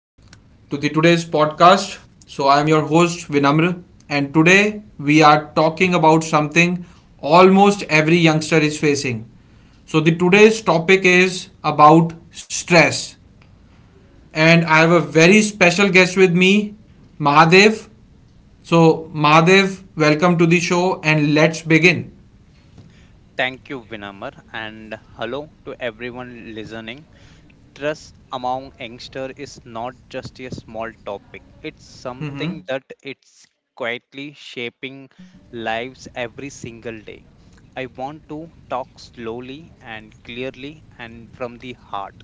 to the today's podcast. So I am your host Vinamr and today we are talking about something almost every youngster is facing. So the today's topic is about stress and I have a very special guest with me Mahadev. So Mahadev, welcome to the show and let's begin. Thank you, Vinamar, and hello to everyone listening. Trust among youngsters is not just a small topic. It's Mhm. something that it's quietly shaping lives every single day. I want to talk slowly and clearly and from the heart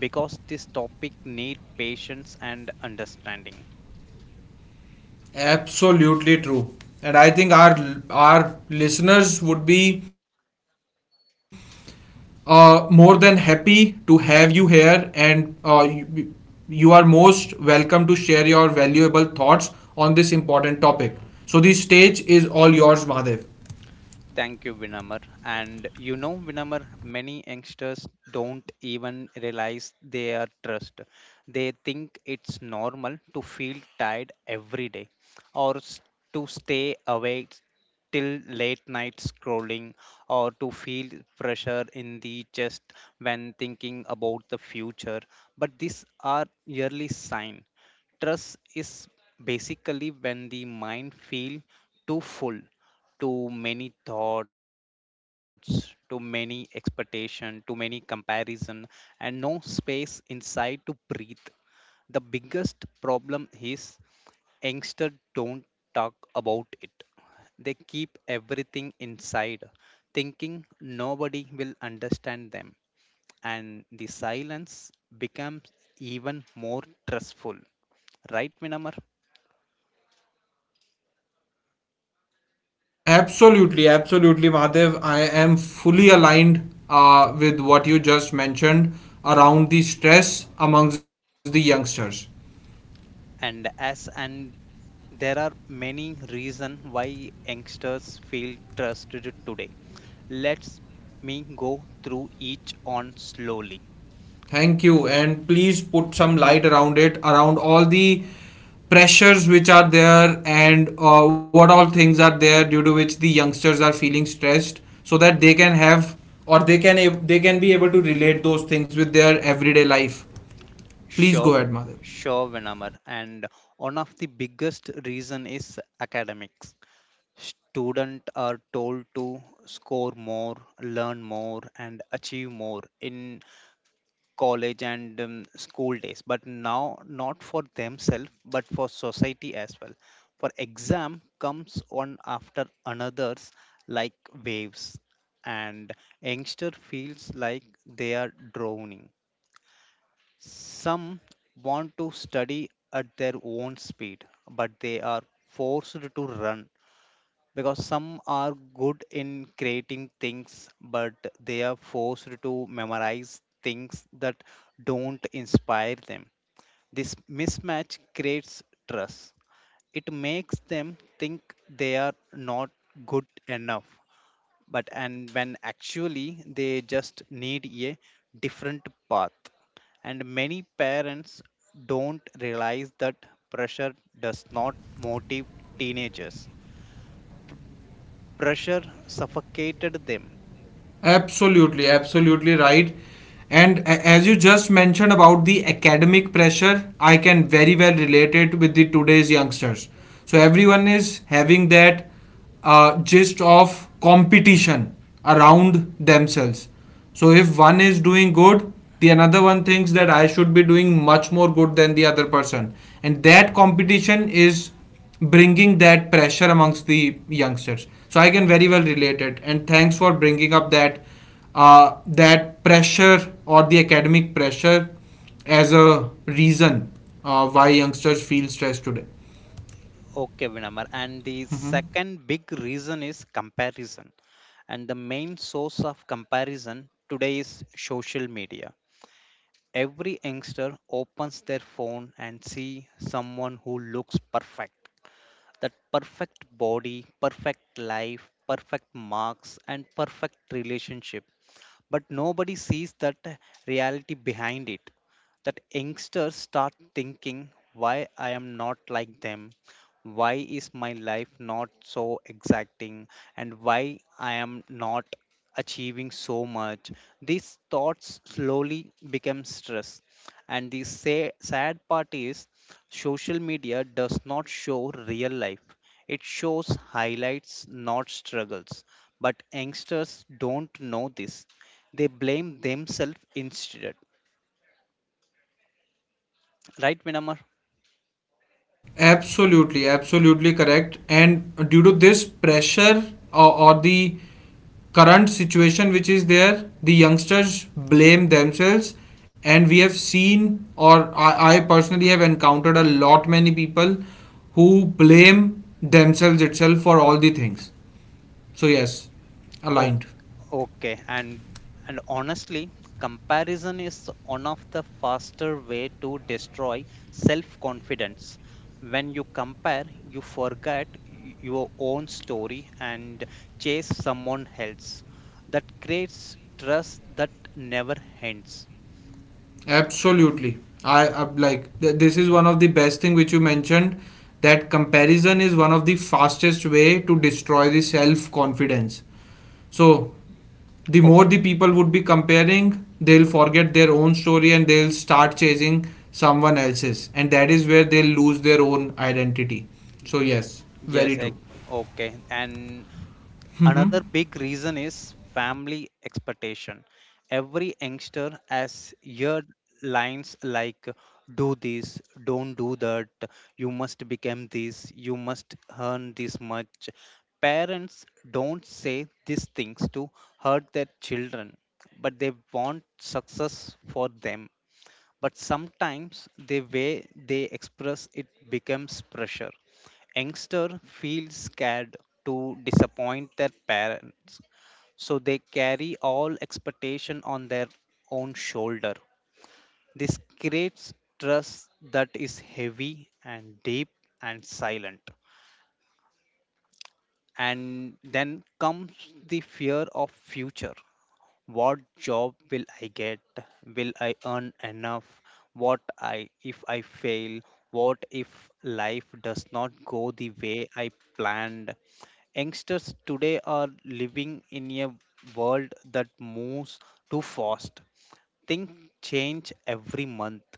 because this topic need patience and understanding. Absolutely true. And I think our listeners would be more than happy to have you here, and you are most welcome to share your valuable thoughts on this important topic. So, the stage is all yours, Mahadev. Thank you, Vinamar. And Vinamar, many youngsters don't even realize they are stressed. They think it's normal to feel tired every day or to stay awake till late night scrolling or to feel pressure in the chest when thinking about the future. But these are yearly signs. Stress is basically when the mind feel too full, too many thoughts, too many expectation, too many comparison, and no space inside to breathe. The biggest problem is youngsters don't talk about it. They keep everything inside, thinking nobody will understand them, and the silence becomes even more stressful, right, Minamar? Absolutely, absolutely, Mahadev. I am fully aligned with what you just mentioned around the stress amongst the youngsters. And there are many reasons why youngsters feel trusted today. Let's me go through each on slowly. Thank you, and please put some light around it, around all the pressures which are there, and what all things are there due to which the youngsters are feeling stressed, so that they can have or they can they can be able to relate those things with their everyday life. Please go sure ahead, Madhav. sure Vinamar, and one of the biggest reason is academics. Students are told to score more, learn more and achieve more in college and school days, but now not for themselves but for society as well. For exam comes one after another's like waves, and youngster feels like they are drowning. Some want to study at their own speed but they are forced to run because some are good in creating things but they are forced to memorize things that don't inspire them. This mismatch creates trust. It makes them think they are not good enough, but and when actually they just need a different path. And many parents don't realize that pressure does not motivate teenagers. Pressure suffocated them. Absolutely, absolutely right. And as you just mentioned about the academic pressure, I can very well relate it with the today's youngsters. So everyone is having that gist of competition around themselves. So if one is doing good, the another one thinks that I should be doing much more good than the other person, and that competition is bringing that pressure amongst the youngsters. So I can very well relate it. And thanks for bringing up that that pressure or the academic pressure as a reason why youngsters feel stressed today. Okay, Vinamar. And the Mhm. second big reason is comparison. And the main source of comparison today is social media. Every youngster opens their phone and see someone who looks perfect. That perfect body, perfect life, perfect marks, and perfect relationship. But nobody sees that reality behind it. That youngsters start thinking, why I am not like them? Why is my life not so exacting? And why I am not achieving so much? These thoughts slowly become stress. And the sad part is social media does not show real life. It shows highlights, not struggles, but youngsters don't know this. They blame themselves instead. Right, Vinamar? Absolutely, absolutely correct. And due to this pressure or the current situation which is there, the youngsters blame themselves. And we have seen, or I personally have encountered a lot many people who blame themselves itself for all the things. So, yes, Oh, aligned. okay, and honestly, comparison is one of the faster way to destroy self-confidence. When you compare, you forget your own story and chase someone else. That creates trust that never ends. Absolutely. I like this is one of the best thing which you mentioned that comparison is one of the fastest way to destroy the self confidence. So the Oh, more the people would be comparing, they'll forget their own story and they'll start chasing someone else's and that is where they'll lose their own identity. So yes, yes, very true. Okay. And hmm another big reason is family expectation. Every youngster has heard lines like, do this, don't do that, you must become this, you must earn this much. Parents don't say these things to hurt their children, but they want success for them, but sometimes the way they express it becomes pressure. Youngster feels scared to disappoint their parents, so they carry all expectation on their own shoulder. This creates trust that is heavy and deep and silent. And then comes the fear of future. What job will I get? Will I earn enough? What I if I fail? What if life does not go the way I planned? Youngsters today are living in a world that moves too fast. Things change every month,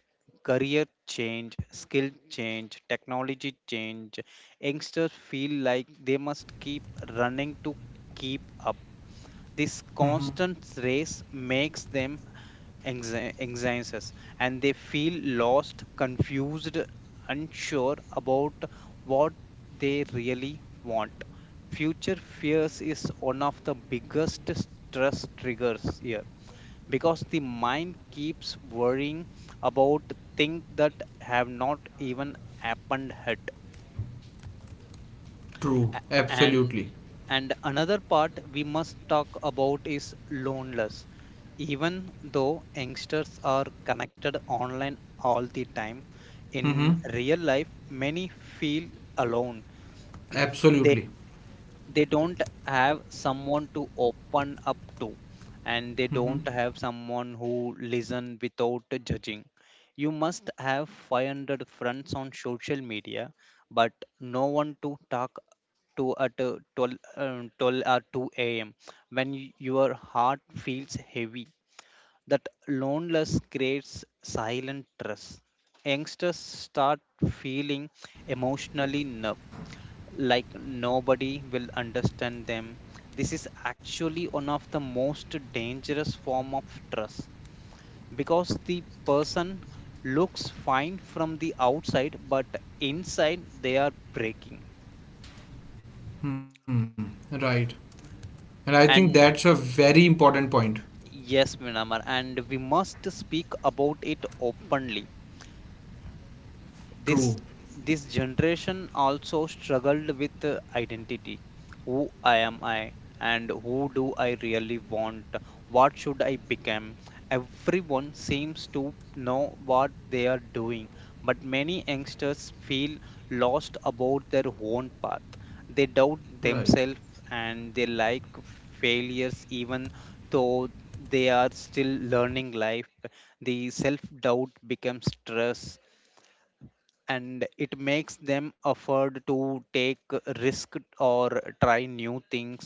career change, skill change, technology change. Youngsters feel like they must keep running to keep up. This hmm constant race makes them anxious, and they feel lost, confused, unsure about what they really want. Future fears is one of the biggest stress triggers here because the mind keeps worrying about things that have not even happened yet. True. and Absolutely. And another part we must talk about is loneliness. Even though youngsters are connected online all the time, hmm in real life, many feel alone. Absolutely. They don't have someone to open up to, and they hmm don't have someone who listen without judging. You must have 500 friends on social media but no one to talk to at 12, 12 or 2 a.m when your heart feels heavy. That loneliness creates silent stress. Youngsters start feeling emotionally numb, like nobody will understand them. This is actually one of the most dangerous form of trust because the person looks fine from the outside but inside they are breaking. Hmm. Right. And I think that's a And very important point. yes, Minamar, and we must speak about it openly. True. This this generation also struggled with identity. Who I am I? And who do I really want? What should I become? Everyone seems to know what they are doing, but many youngsters feel lost about their own path. They doubt Right. themselves, and they like failures even though they are still learning life. The self doubt becomes stress, and it makes them afford to take risk or try new things.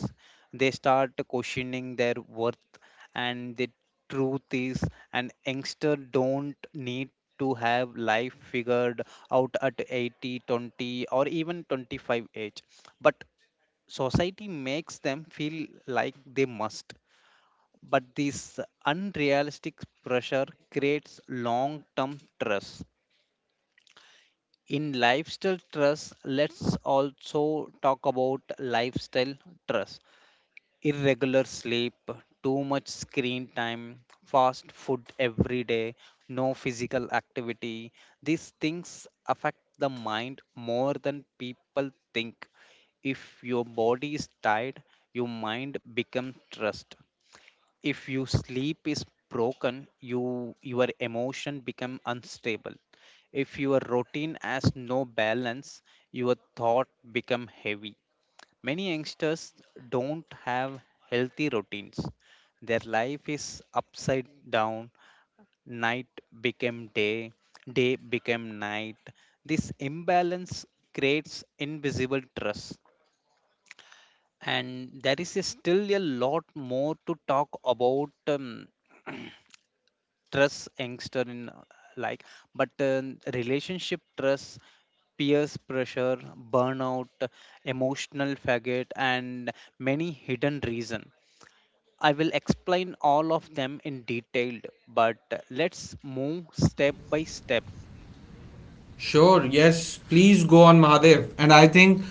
They start questioning their worth. And the truth is, an youngster don't need to have life figured out at 80 20 or even 25 age, but society makes them feel like they must, but this unrealistic pressure creates long term stress in lifestyle trust. Let's also talk about lifestyle trust. Irregular sleep, too much screen time, fast food every day, no physical activity. These things affect the mind more than people think. If your body is tired, your mind becomes stressed. If your sleep is broken, you your emotion become unstable. If your routine has no balance, your thought become heavy. Many youngsters don't have healthy routines. Their life is upside down. Night became day, day became night. This imbalance creates invisible stress. And there is still a lot more to talk about. um, Trust youngster in like but relationship trust, peers pressure, burnout, emotional faggot, and many hidden reason. I will explain all of them in detail, but let's move step by step. Sure, yes. Please go on Mahadev. And I think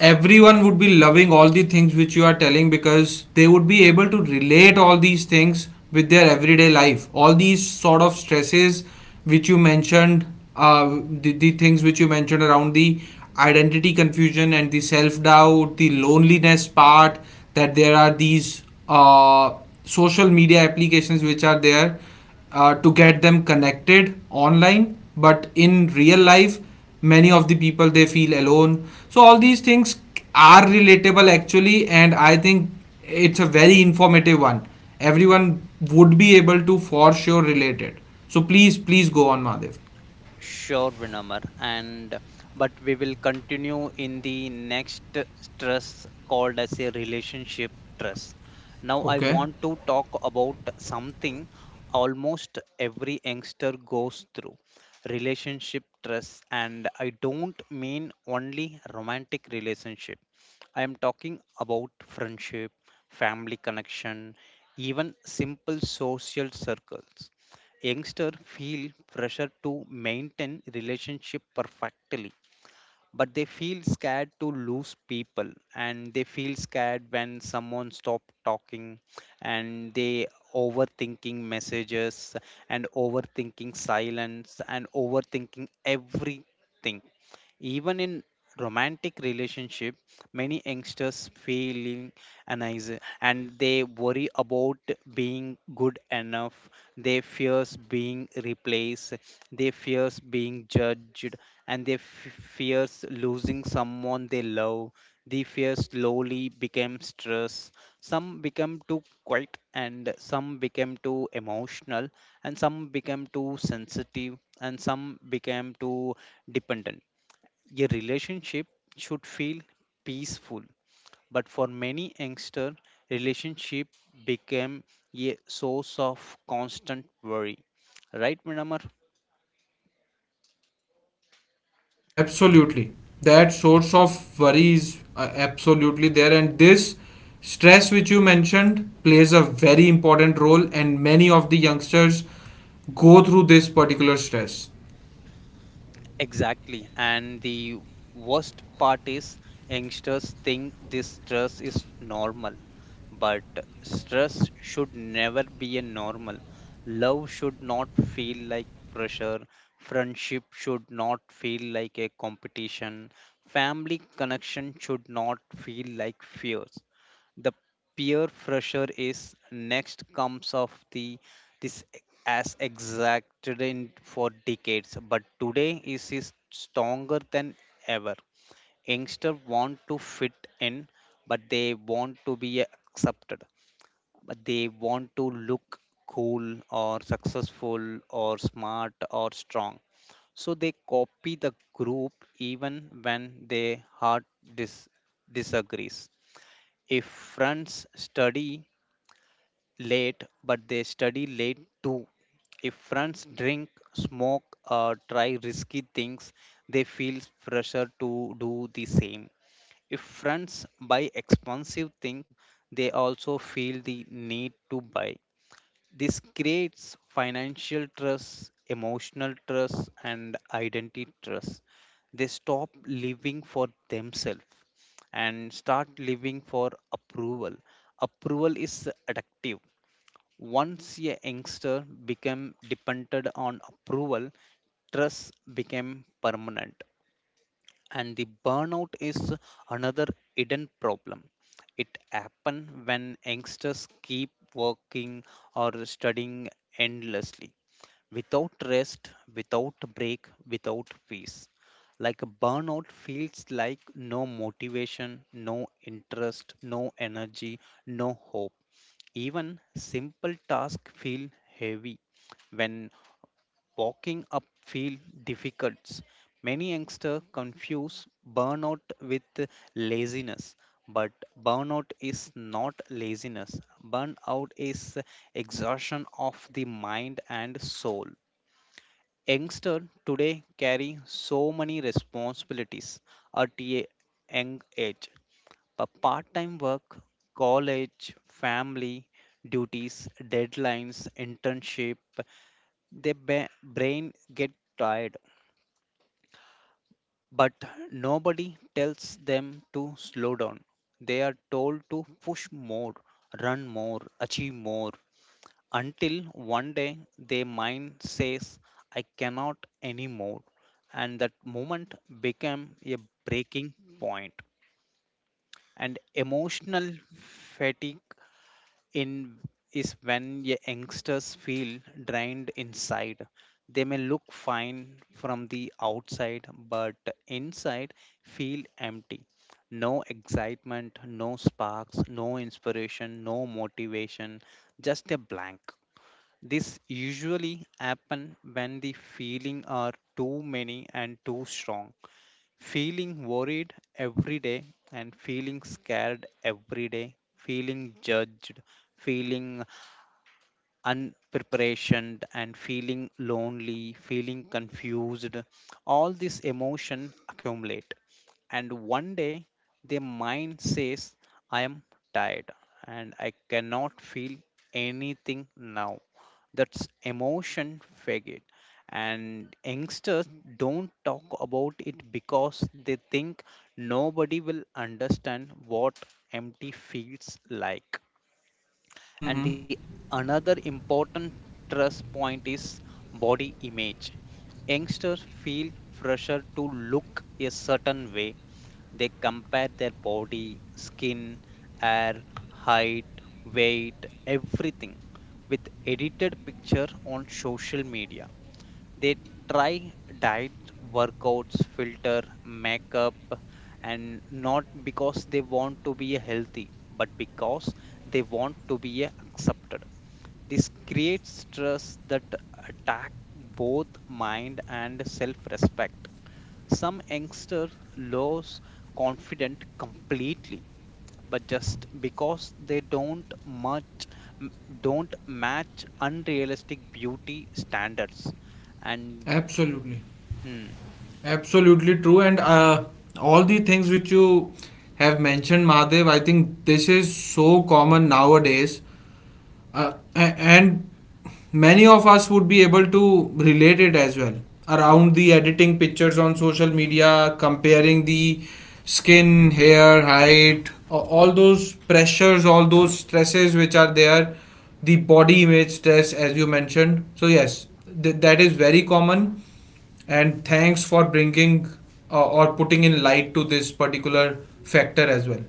everyone would be loving all the things which you are telling because they would be able to relate all these things with their everyday life. All these sort of stresses which you mentioned, the things which you mentioned around the identity confusion and the self doubt, the loneliness part, that there are these uh, social media applications which are there to get them connected online but in real life many of the people they feel alone, so all these things are relatable actually and I think it's a very informative one. Everyone would be able to for sure relate it. So please, please go on, Madhav. Sure, Vinamar. And but we will continue in the next stress called as a relationship stress. Now I Okay. want to talk about something almost every youngster goes through. Relationship stress, and I don't mean only romantic relationship. I am talking about friendship, family connection, even simple social circles. Youngster feel pressure to maintain relationship perfectly, but they feel scared to lose people, and they feel scared when someone stop talking, and they overthinking messages and overthinking silence and overthinking everything. Even in romantic relationship, many youngsters feeling uneasy and they worry about being good enough. They fears being replaced. They fears being judged, and they fears losing someone they love. The fear slowly became stress. Some become too quiet, and some became too emotional, and some became too sensitive, and some became too dependent. Your relationship should feel peaceful, but for many youngster, relationship became a source of constant worry. Right, Minamar? Absolutely. That source of worry is absolutely there. And this stress, which you mentioned, plays a very important role. And many of the youngsters go through this particular stress. Exactly. And the worst part is youngsters think this stress is normal. But stress should never be a normal. Love should not feel like pressure. Friendship should not feel like a competition. Family connection should not feel like fears. The peer pressure is next comes of the this as exacted in for decades, but today is stronger than ever. Youngsters want to fit in, but they want to be accepted, but they want to look cool or successful or smart or strong, so they copy the group even when their heart dis- disagrees. If friends study late, but they study late too. If friends drink, smoke or try risky things, they feel pressure to do the same. If friends buy expensive things, they also feel the need to buy. This creates financial trust, emotional trust, and identity trust. They stop living for themselves and start living for approval. Approval is addictive. Once a youngster became dependent on approval, trust became permanent. And the burnout is another hidden problem. It happens when youngsters keep working or studying endlessly without rest, without break, without peace. Like a burnout feels like no motivation, no interest, no energy, no hope. Even simple tasks feel heavy when walking up feel difficult. Many youngsters confuse burnout with laziness, but burnout is not laziness. Burnout is exhaustion of the mind and soul. Youngsters today carry so many responsibilities at a young age. A part-time work, college, family, duties, deadlines, internship, their brain get tired. But nobody tells them to slow down. They are told to push more, run more, achieve more, until one day their mind says, I cannot anymore. And that moment became a breaking point. And emotional fatigue in is when youngsters feel drained inside. They may look fine from the outside, but inside feel empty. No excitement, no sparks, no inspiration, no motivation, just a blank. This usually happen when the feeling are too many and too strong, feeling worried every day and feeling scared every day, feeling judged, feeling unprepared and feeling lonely, feeling confused. All these emotion accumulate, and one day their mind says, I am tired and I cannot feel anything now. That's emotion faggot, and youngsters don't talk about it because they think nobody will understand what empty feels like. Mm-hmm. And the another important trust point is body image. Youngsters feel pressure to look a certain way. They compare their body, skin, hair, height, weight, everything with edited picture on social media. They try diet, workouts, filter, makeup, and not because they want to be healthy, but because they want to be accepted. This creates stress that attack both mind and self respect. Some youngsters lose confidence completely, but just because they don't match unrealistic beauty standards and Absolutely. Hmm. Absolutely true. And all the things which you have mentioned, Mahadev, I think this is so common nowadays and many of us would be able to relate it as well Y- around the editing pictures on social media, comparing the skin, hair, height, all those pressures, all those stresses which are there, the body image stress as you mentioned. So yes, that is very common. And thanks for bringing or putting in light to this particular factor as well.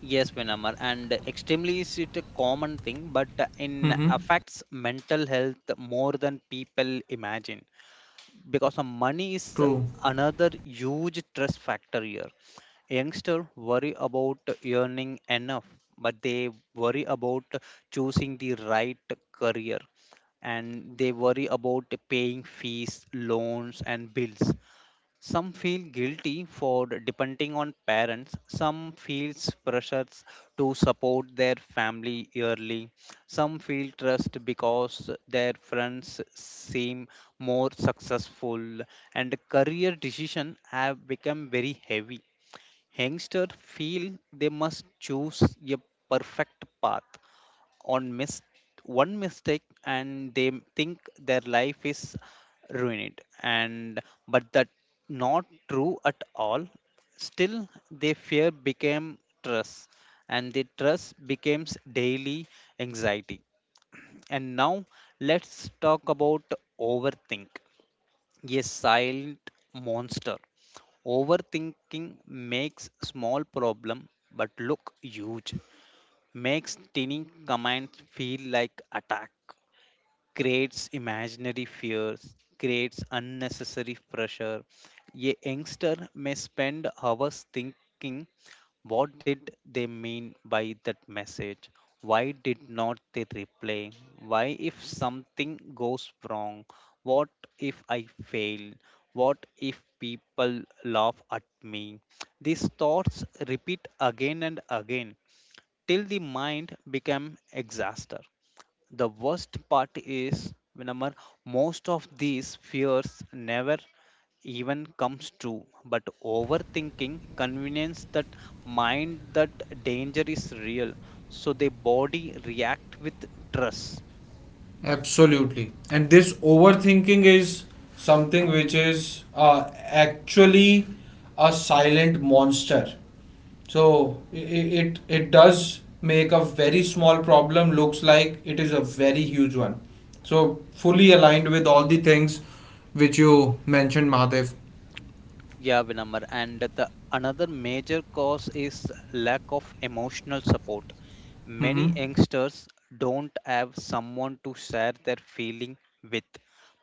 Yes, Vinamar, and extremely is it a common thing, but in Mm-hmm. affects mental health more than people imagine because the money is True. another huge stress factor here. Youngster worry about earning enough, but they worry about choosing the right career, and they worry about paying fees, loans, and bills. Some feel guilty for depending on parents. Some feels pressures to support their family yearly. Some feel trust because their friends seem more successful, and career decision have become very heavy. Youngsters feel they must choose a perfect path. on mis- One mistake and they think their life is ruined, and but that not true at all. Still their fear became trust, and the trust becomes daily anxiety. And now let's talk about overthink, a silent monster. Overthinking makes small problem but look huge, makes tiny commands feel like attack, creates imaginary fears, creates unnecessary pressure. A youngster may spend hours thinking, what did they mean by that message? Why did not they reply? Why if something goes wrong? What if I fail? What if people laugh at me? These thoughts repeat again and again till the mind become exhausted. The worst part is whenever most of these fears never even comes true, but overthinking convinces that mind that danger is real, so the body react with stress. Absolutely. And this overthinking is something which is actually a silent monster. So it does make a very small problem looks like it is a very huge one. So fully aligned with all the things which you mentioned, Mahadev. Yeah, Vinamar. And the another major cause is lack of emotional support. Mm-hmm. Many youngsters don't have someone to share their feeling with,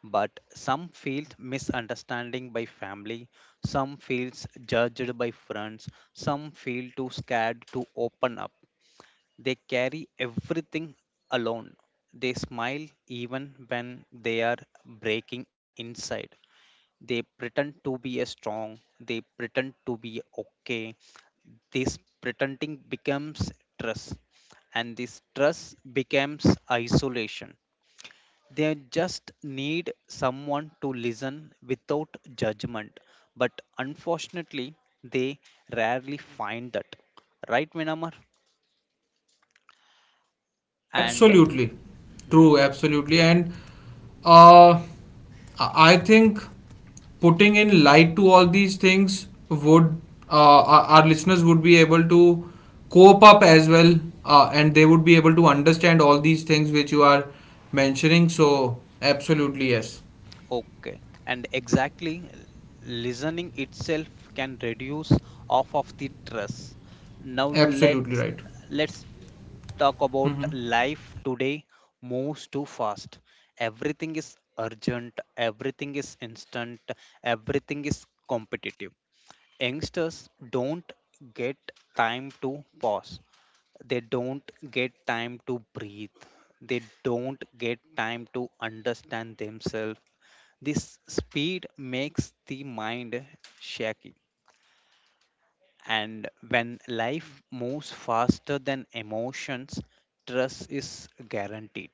but some feel misunderstanding by family, some feels judged by friends, some feel too scared to open up. They carry everything alone. They smile even when they are breaking inside. They pretend to be a strong, they pretend to be okay. This pretending becomes stress, and this stress becomes isolation. They just need someone to listen without judgment, but unfortunately they rarely find that, right Vinamar? And Absolutely. hmm, True, absolutely. And uh, I think putting in light to all these things would our listeners would be able to cope up as well, and they would be able to understand all these things which you are mentioning. So, absolutely, yes. Okay, and exactly, listening itself can reduce off of the stress. Now Absolutely let's right. let's talk about Mm-hmm. life today moves too fast. Everything is urgent, everything is instant, everything is competitive. Youngsters don't get time to pause. They don't get time to breathe. They don't get time to understand themselves. This speed makes the mind shaky. And when life moves faster than emotions, trust is guaranteed.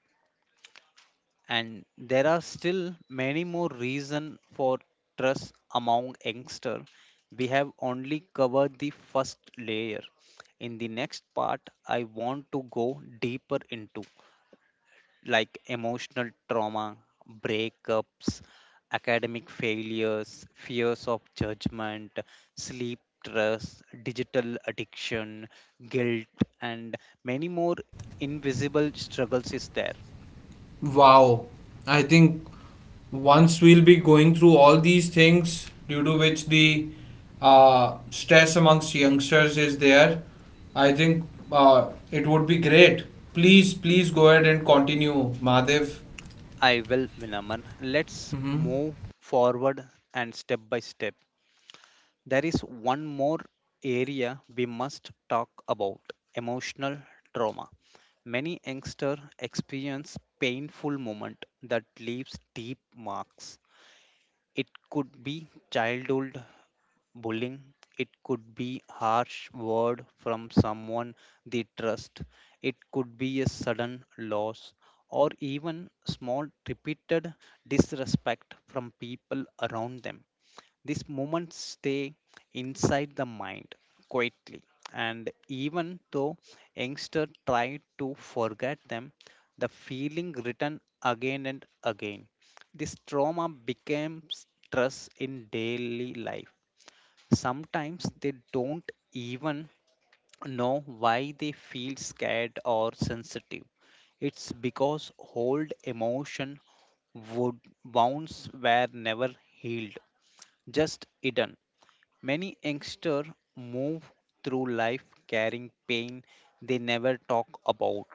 And there are still many more reasons for trust among youngsters. We have only covered the first layer. In the next part, I want to go deeper into like emotional trauma, breakups, academic failures, fears of judgment, sleep stress, digital addiction, guilt, and many more invisible struggles is there. Wow. I think once we'll be going through all these things due to which the stress amongst youngsters is there, I think it would be great. Please, please go ahead and continue, Madhav. I will, Minaman. Let's Hmm. move forward and step by step. There is one more area we must talk about, emotional trauma. Many youngsters experience painful moment that leaves deep marks. It could be childhood bullying, it could be harsh word from someone they trust, it could be a sudden loss or even small repeated disrespect from people around them. These moments stay inside the mind quietly, and even though youngsters try to forget them, the feeling return again and again. This trauma becomes stress in daily life. Sometimes they don't even know why they feel scared or sensitive. It's because old emotion would wounds were never healed, just hidden. Many youngsters move through life carrying pain they never talk about,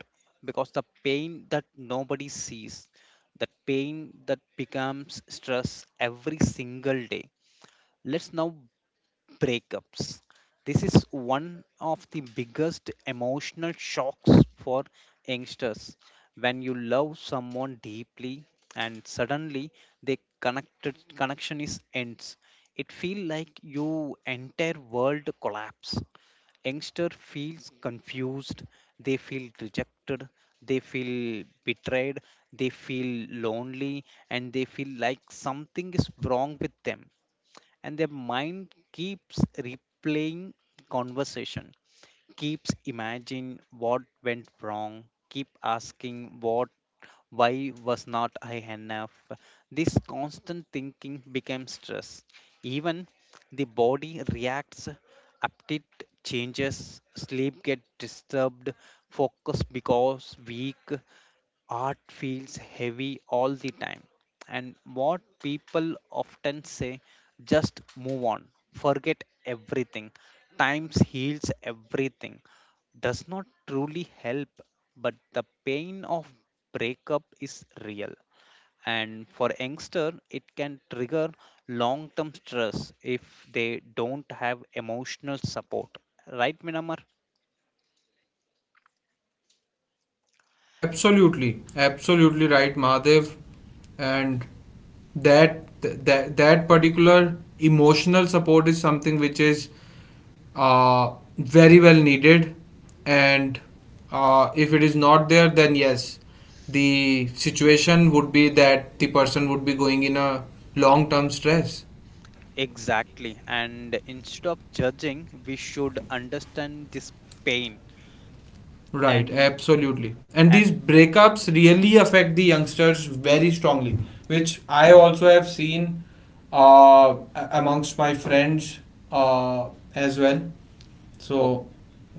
because the pain that nobody sees, that pain that becomes stress every single day. Let's now breakups. This is one of the biggest emotional shocks for youngsters. When you love someone deeply and suddenly the connected connection is ends, it feels like your entire world collapse. Youngster feels confused, they feel rejected, they feel betrayed, they feel lonely, and they feel like something is wrong with them. And their mind keeps replaying conversation, keeps imagining what went wrong, keep asking what, why was not I enough? This constant thinking becomes stress. Even the body reacts, appetite changes, sleep get disturbed, focus becomes weak, art feels heavy all the time. And what people often say, just move on, forget everything, times heals everything, does not truly help. But the pain of breakup is real, and for youngster it can trigger long term stress if they don't have emotional support, right Minamar? Absolutely, absolutely right, Mahadev. And that particular emotional support is something which is very well needed. And if it is not there, then yes, the situation would be that the person would be going in a long term stress. Exactly. And instead of judging, we should understand this pain. Right, and absolutely. And and these breakups really affect the youngsters very strongly, which I also have seen amongst my friends uh, as well. o- So,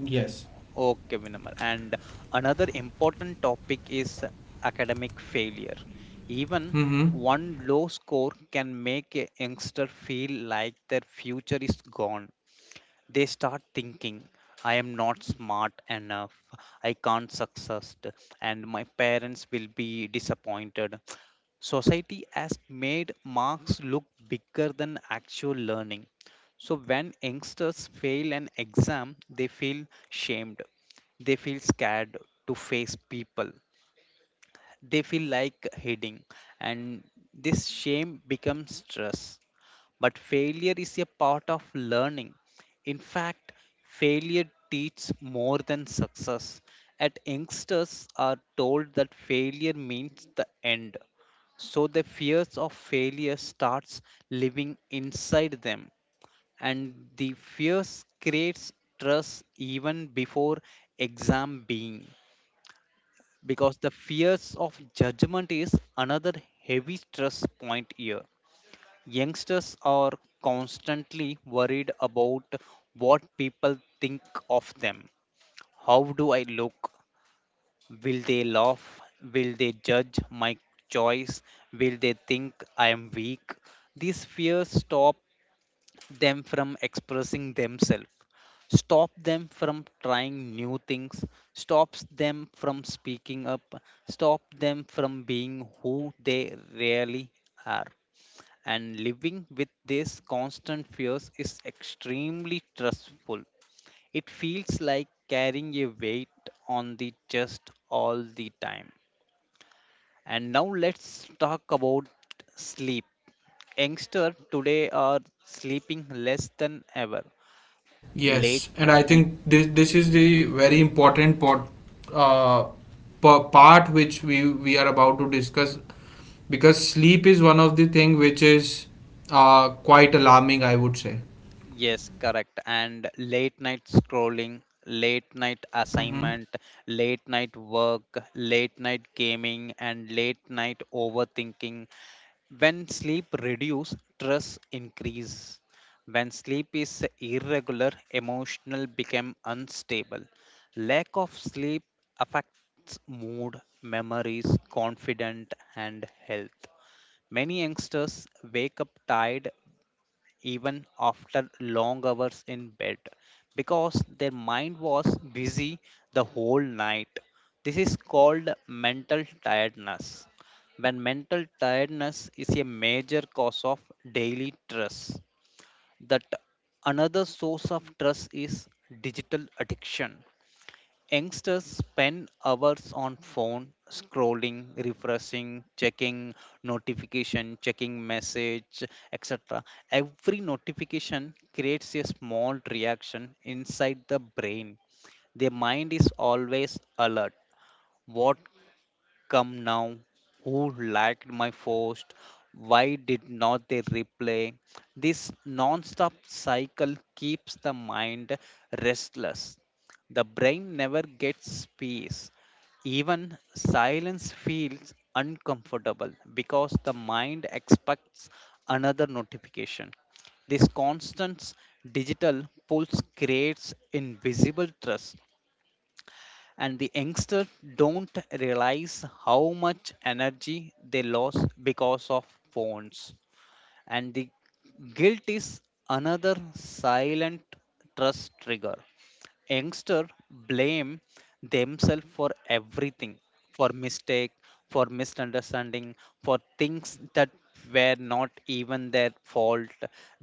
yes. okay, Vinamar. And another important topic is academic failure. Even Mm-hmm. one low score can make a youngster feel like their future is gone. They start thinking, I am not smart enough, I can't succeed, and my parents will be disappointed. Society has made marks look bigger than actual learning. So when youngsters fail an exam, they feel shamed. They feel scared to face people. They feel like hiding, and this shame becomes stress. But failure is a part of learning. In fact, failure teaches more than success. At youngsters are told that failure means the end. So the fears of failure starts living inside them, and the fears creates stress even before exam being, because the fears of judgment is another heavy stress point here. Youngsters are constantly worried about what people think of them. How do I look? Will they laugh? Will they judge my choice? Will they think I am weak? These fears stop them from expressing themselves, stop them from trying new things, stops them from speaking up, stop them from being who they really are. And living with these constant fears is extremely stressful. It feels like carrying a weight on the chest all the time. And now let's talk about sleep. Youngsters today are sleeping less than ever. Late, Yes, and I think this is the very important part, uh, part which we are about to discuss because sleep is one of the thing which is quite alarming, I would say. yes, correct. And late night scrolling, late night Mm-hmm. assignment, late night work, late night gaming, and late night overthinking. When sleep reduce, stress increase. When sleep is irregular, emotional become unstable. Lack of sleep affects mood, memories, confidence, and health. Many youngsters wake up tired even after long hours in bed because their mind was busy the whole night. This is called mental tiredness. When mental tiredness is a major cause of daily stress, that another source of stress is digital addiction. Youngsters spend hours on phone scrolling, refreshing, checking notification, checking message, etc. Every notification creates a small reaction inside the brain. The mind is always alert. What come now, who liked my post? Why did not they reply? This non-stop cycle keeps the mind restless. The brain never gets space. Even silence feels uncomfortable because the mind expects another notification. This constant digital pulse creates invisible trust, and the youngsters don't realize how much energy they lost because of phones. And the guilt is another silent trust trigger. Youngsters blame themselves for everything, for mistake, for misunderstanding, for things that were not even their fault.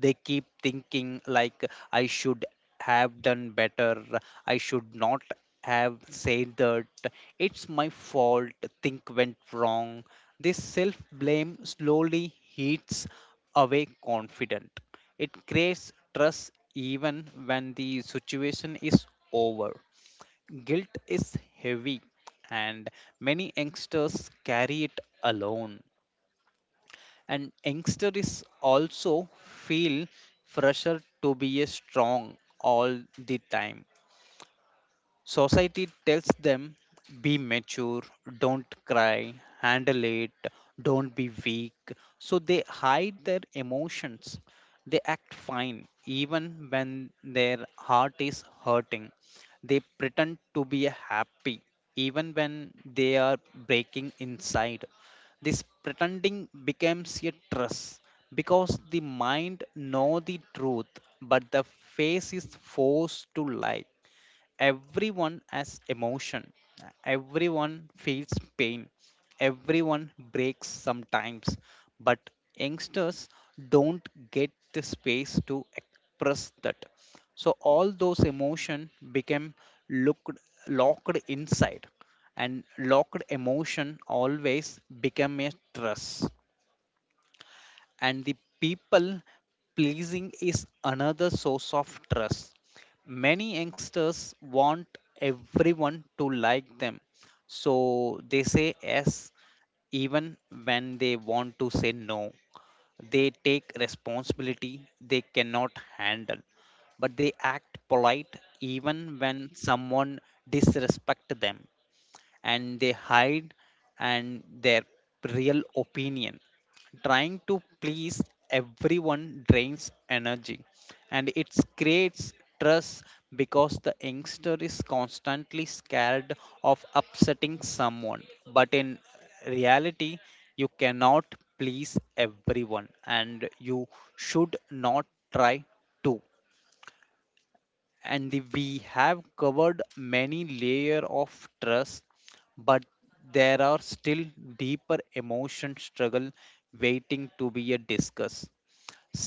They keep thinking like, I should have done better, I should not have said that, it's my fault, think went wrong. This self blame slowly eats away confident. It creates trust even when the situation is over. Guilt is heavy, and many youngsters carry it alone. And youngsters also feel pressure to be a strong all the time. Society tells them be mature, don't cry, handle it, don't be weak. So they hide their emotions. They act fine even when their heart is hurting. They pretend to be happy even when they are breaking inside. This pretending becomes a trust because the mind know the truth, but the face is forced to lie. Everyone has emotion, everyone feels pain, everyone breaks sometimes, but youngsters don't get the space to express that. So all those emotion became looked locked inside, and locked emotion always become a stress. And the people pleasing is another source of stress. Many youngsters want everyone to like them, so they say yes even when they want to say no. They take responsibility they cannot handle, but they act polite even when someone disrespect them, and they hide and their real opinion. Trying to please everyone drains energy, and it creates stress because the youngster is constantly scared of upsetting someone. But in reality, you cannot please everyone and you should not try to. We have covered many layer of trust, but there are still deeper emotion struggle waiting to be a discussed,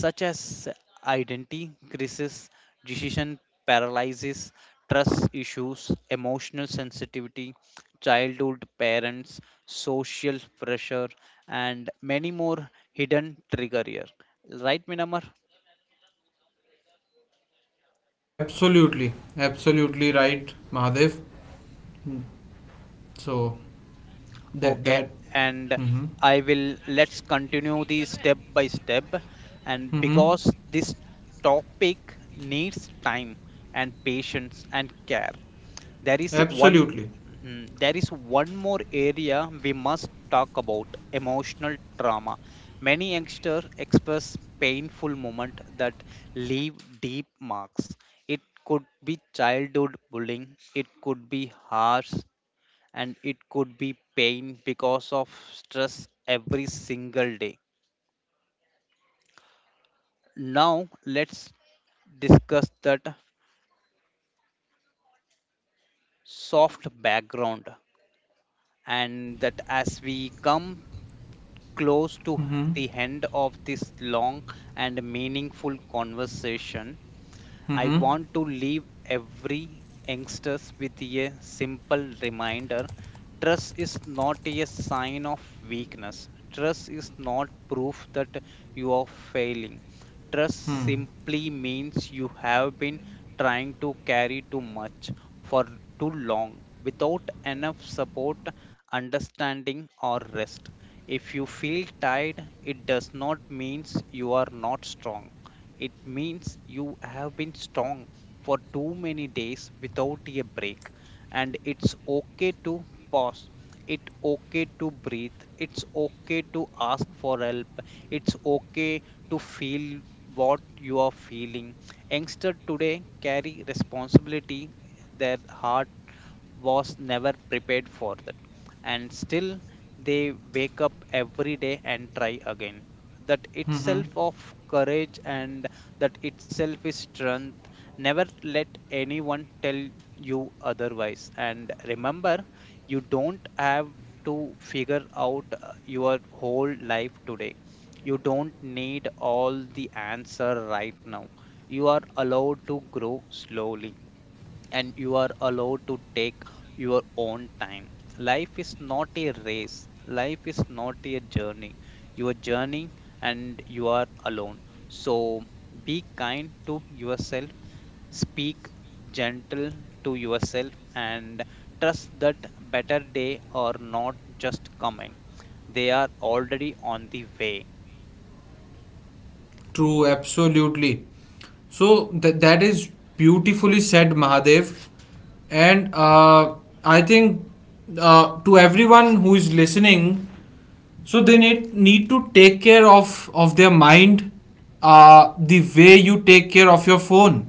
such as identity crisis, decision paralysis, trust issues, emotional sensitivity, childhood parents, social pressure, and many more hidden trigger here, right Minamar? Absolutely, absolutely right, Mahadev. Mm. So that Okay, that. and Mm-hmm. I will let's continue the step by step. And Mm-hmm. because this topic needs time and patience and care, there is one Absolutely. Mhm. there is one more area we must talk about emotional trauma. Many youngsters express painful moments that leave deep marks. It could be childhood bullying, it could be harsh, and it could be pain because of stress every single day. Now, let's discuss that soft background and that as we come close to Mm-hmm. the end of this long and meaningful conversation. I Mm-hmm. want to leave every youngsters with a simple reminder. Trust is not a sign of weakness. Trust is not proof that you are failing. Trust Mm. simply means you have been trying to carry too much for too long without enough support, understanding, or rest. If you feel tired, it does not mean you are not strong. It means you have been strong for too many days without a break. And it's okay to pause. It's okay to breathe. It's okay to ask for help. It's okay to feel what you are feeling. Youngsters today carry responsibility their heart was never prepared for that, and still they wake up every day and try again. That Mm-hmm. itself of courage, and that itself is strength. Never let anyone tell you otherwise, and remember, you don't have to figure out your whole life today. You don't need all the answer right now. You are allowed to grow slowly, and you are allowed to take your own time. Life is not a race, life is not a journey. You are journeying and you are alone. So be kind to yourself, speak gentle to yourself, and trust that better day are not just coming, they are already on the way. True. Absolutely. So that is beautifully said, Mahadev. And I think to everyone who is listening, so they need, need to take care of their mind the way you take care of your phone.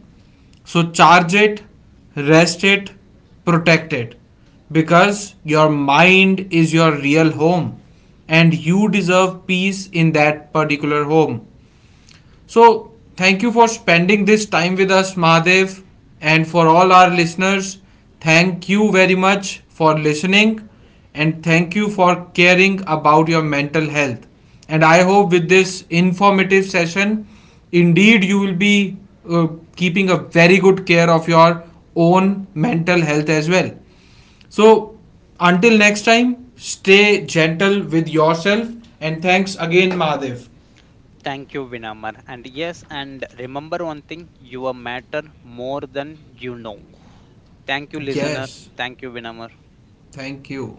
So charge it, rest it, protect it. Because your mind is your real home and you deserve peace in that particular home. So, thank you for spending this time with us, Mahadev, and for all our listeners. Thank you very much for listening and thank you for caring about your mental health. And I hope with this informative session, indeed, you will be uh, keeping a very good care of your own mental health as well. So, until next time, stay gentle with yourself and thanks again, Mahadev. Thank you, Vinamar. And yes, and remember one thing, you matter more than you know. Thank you, listener. Yes, Thank you, Vinamar. thank you.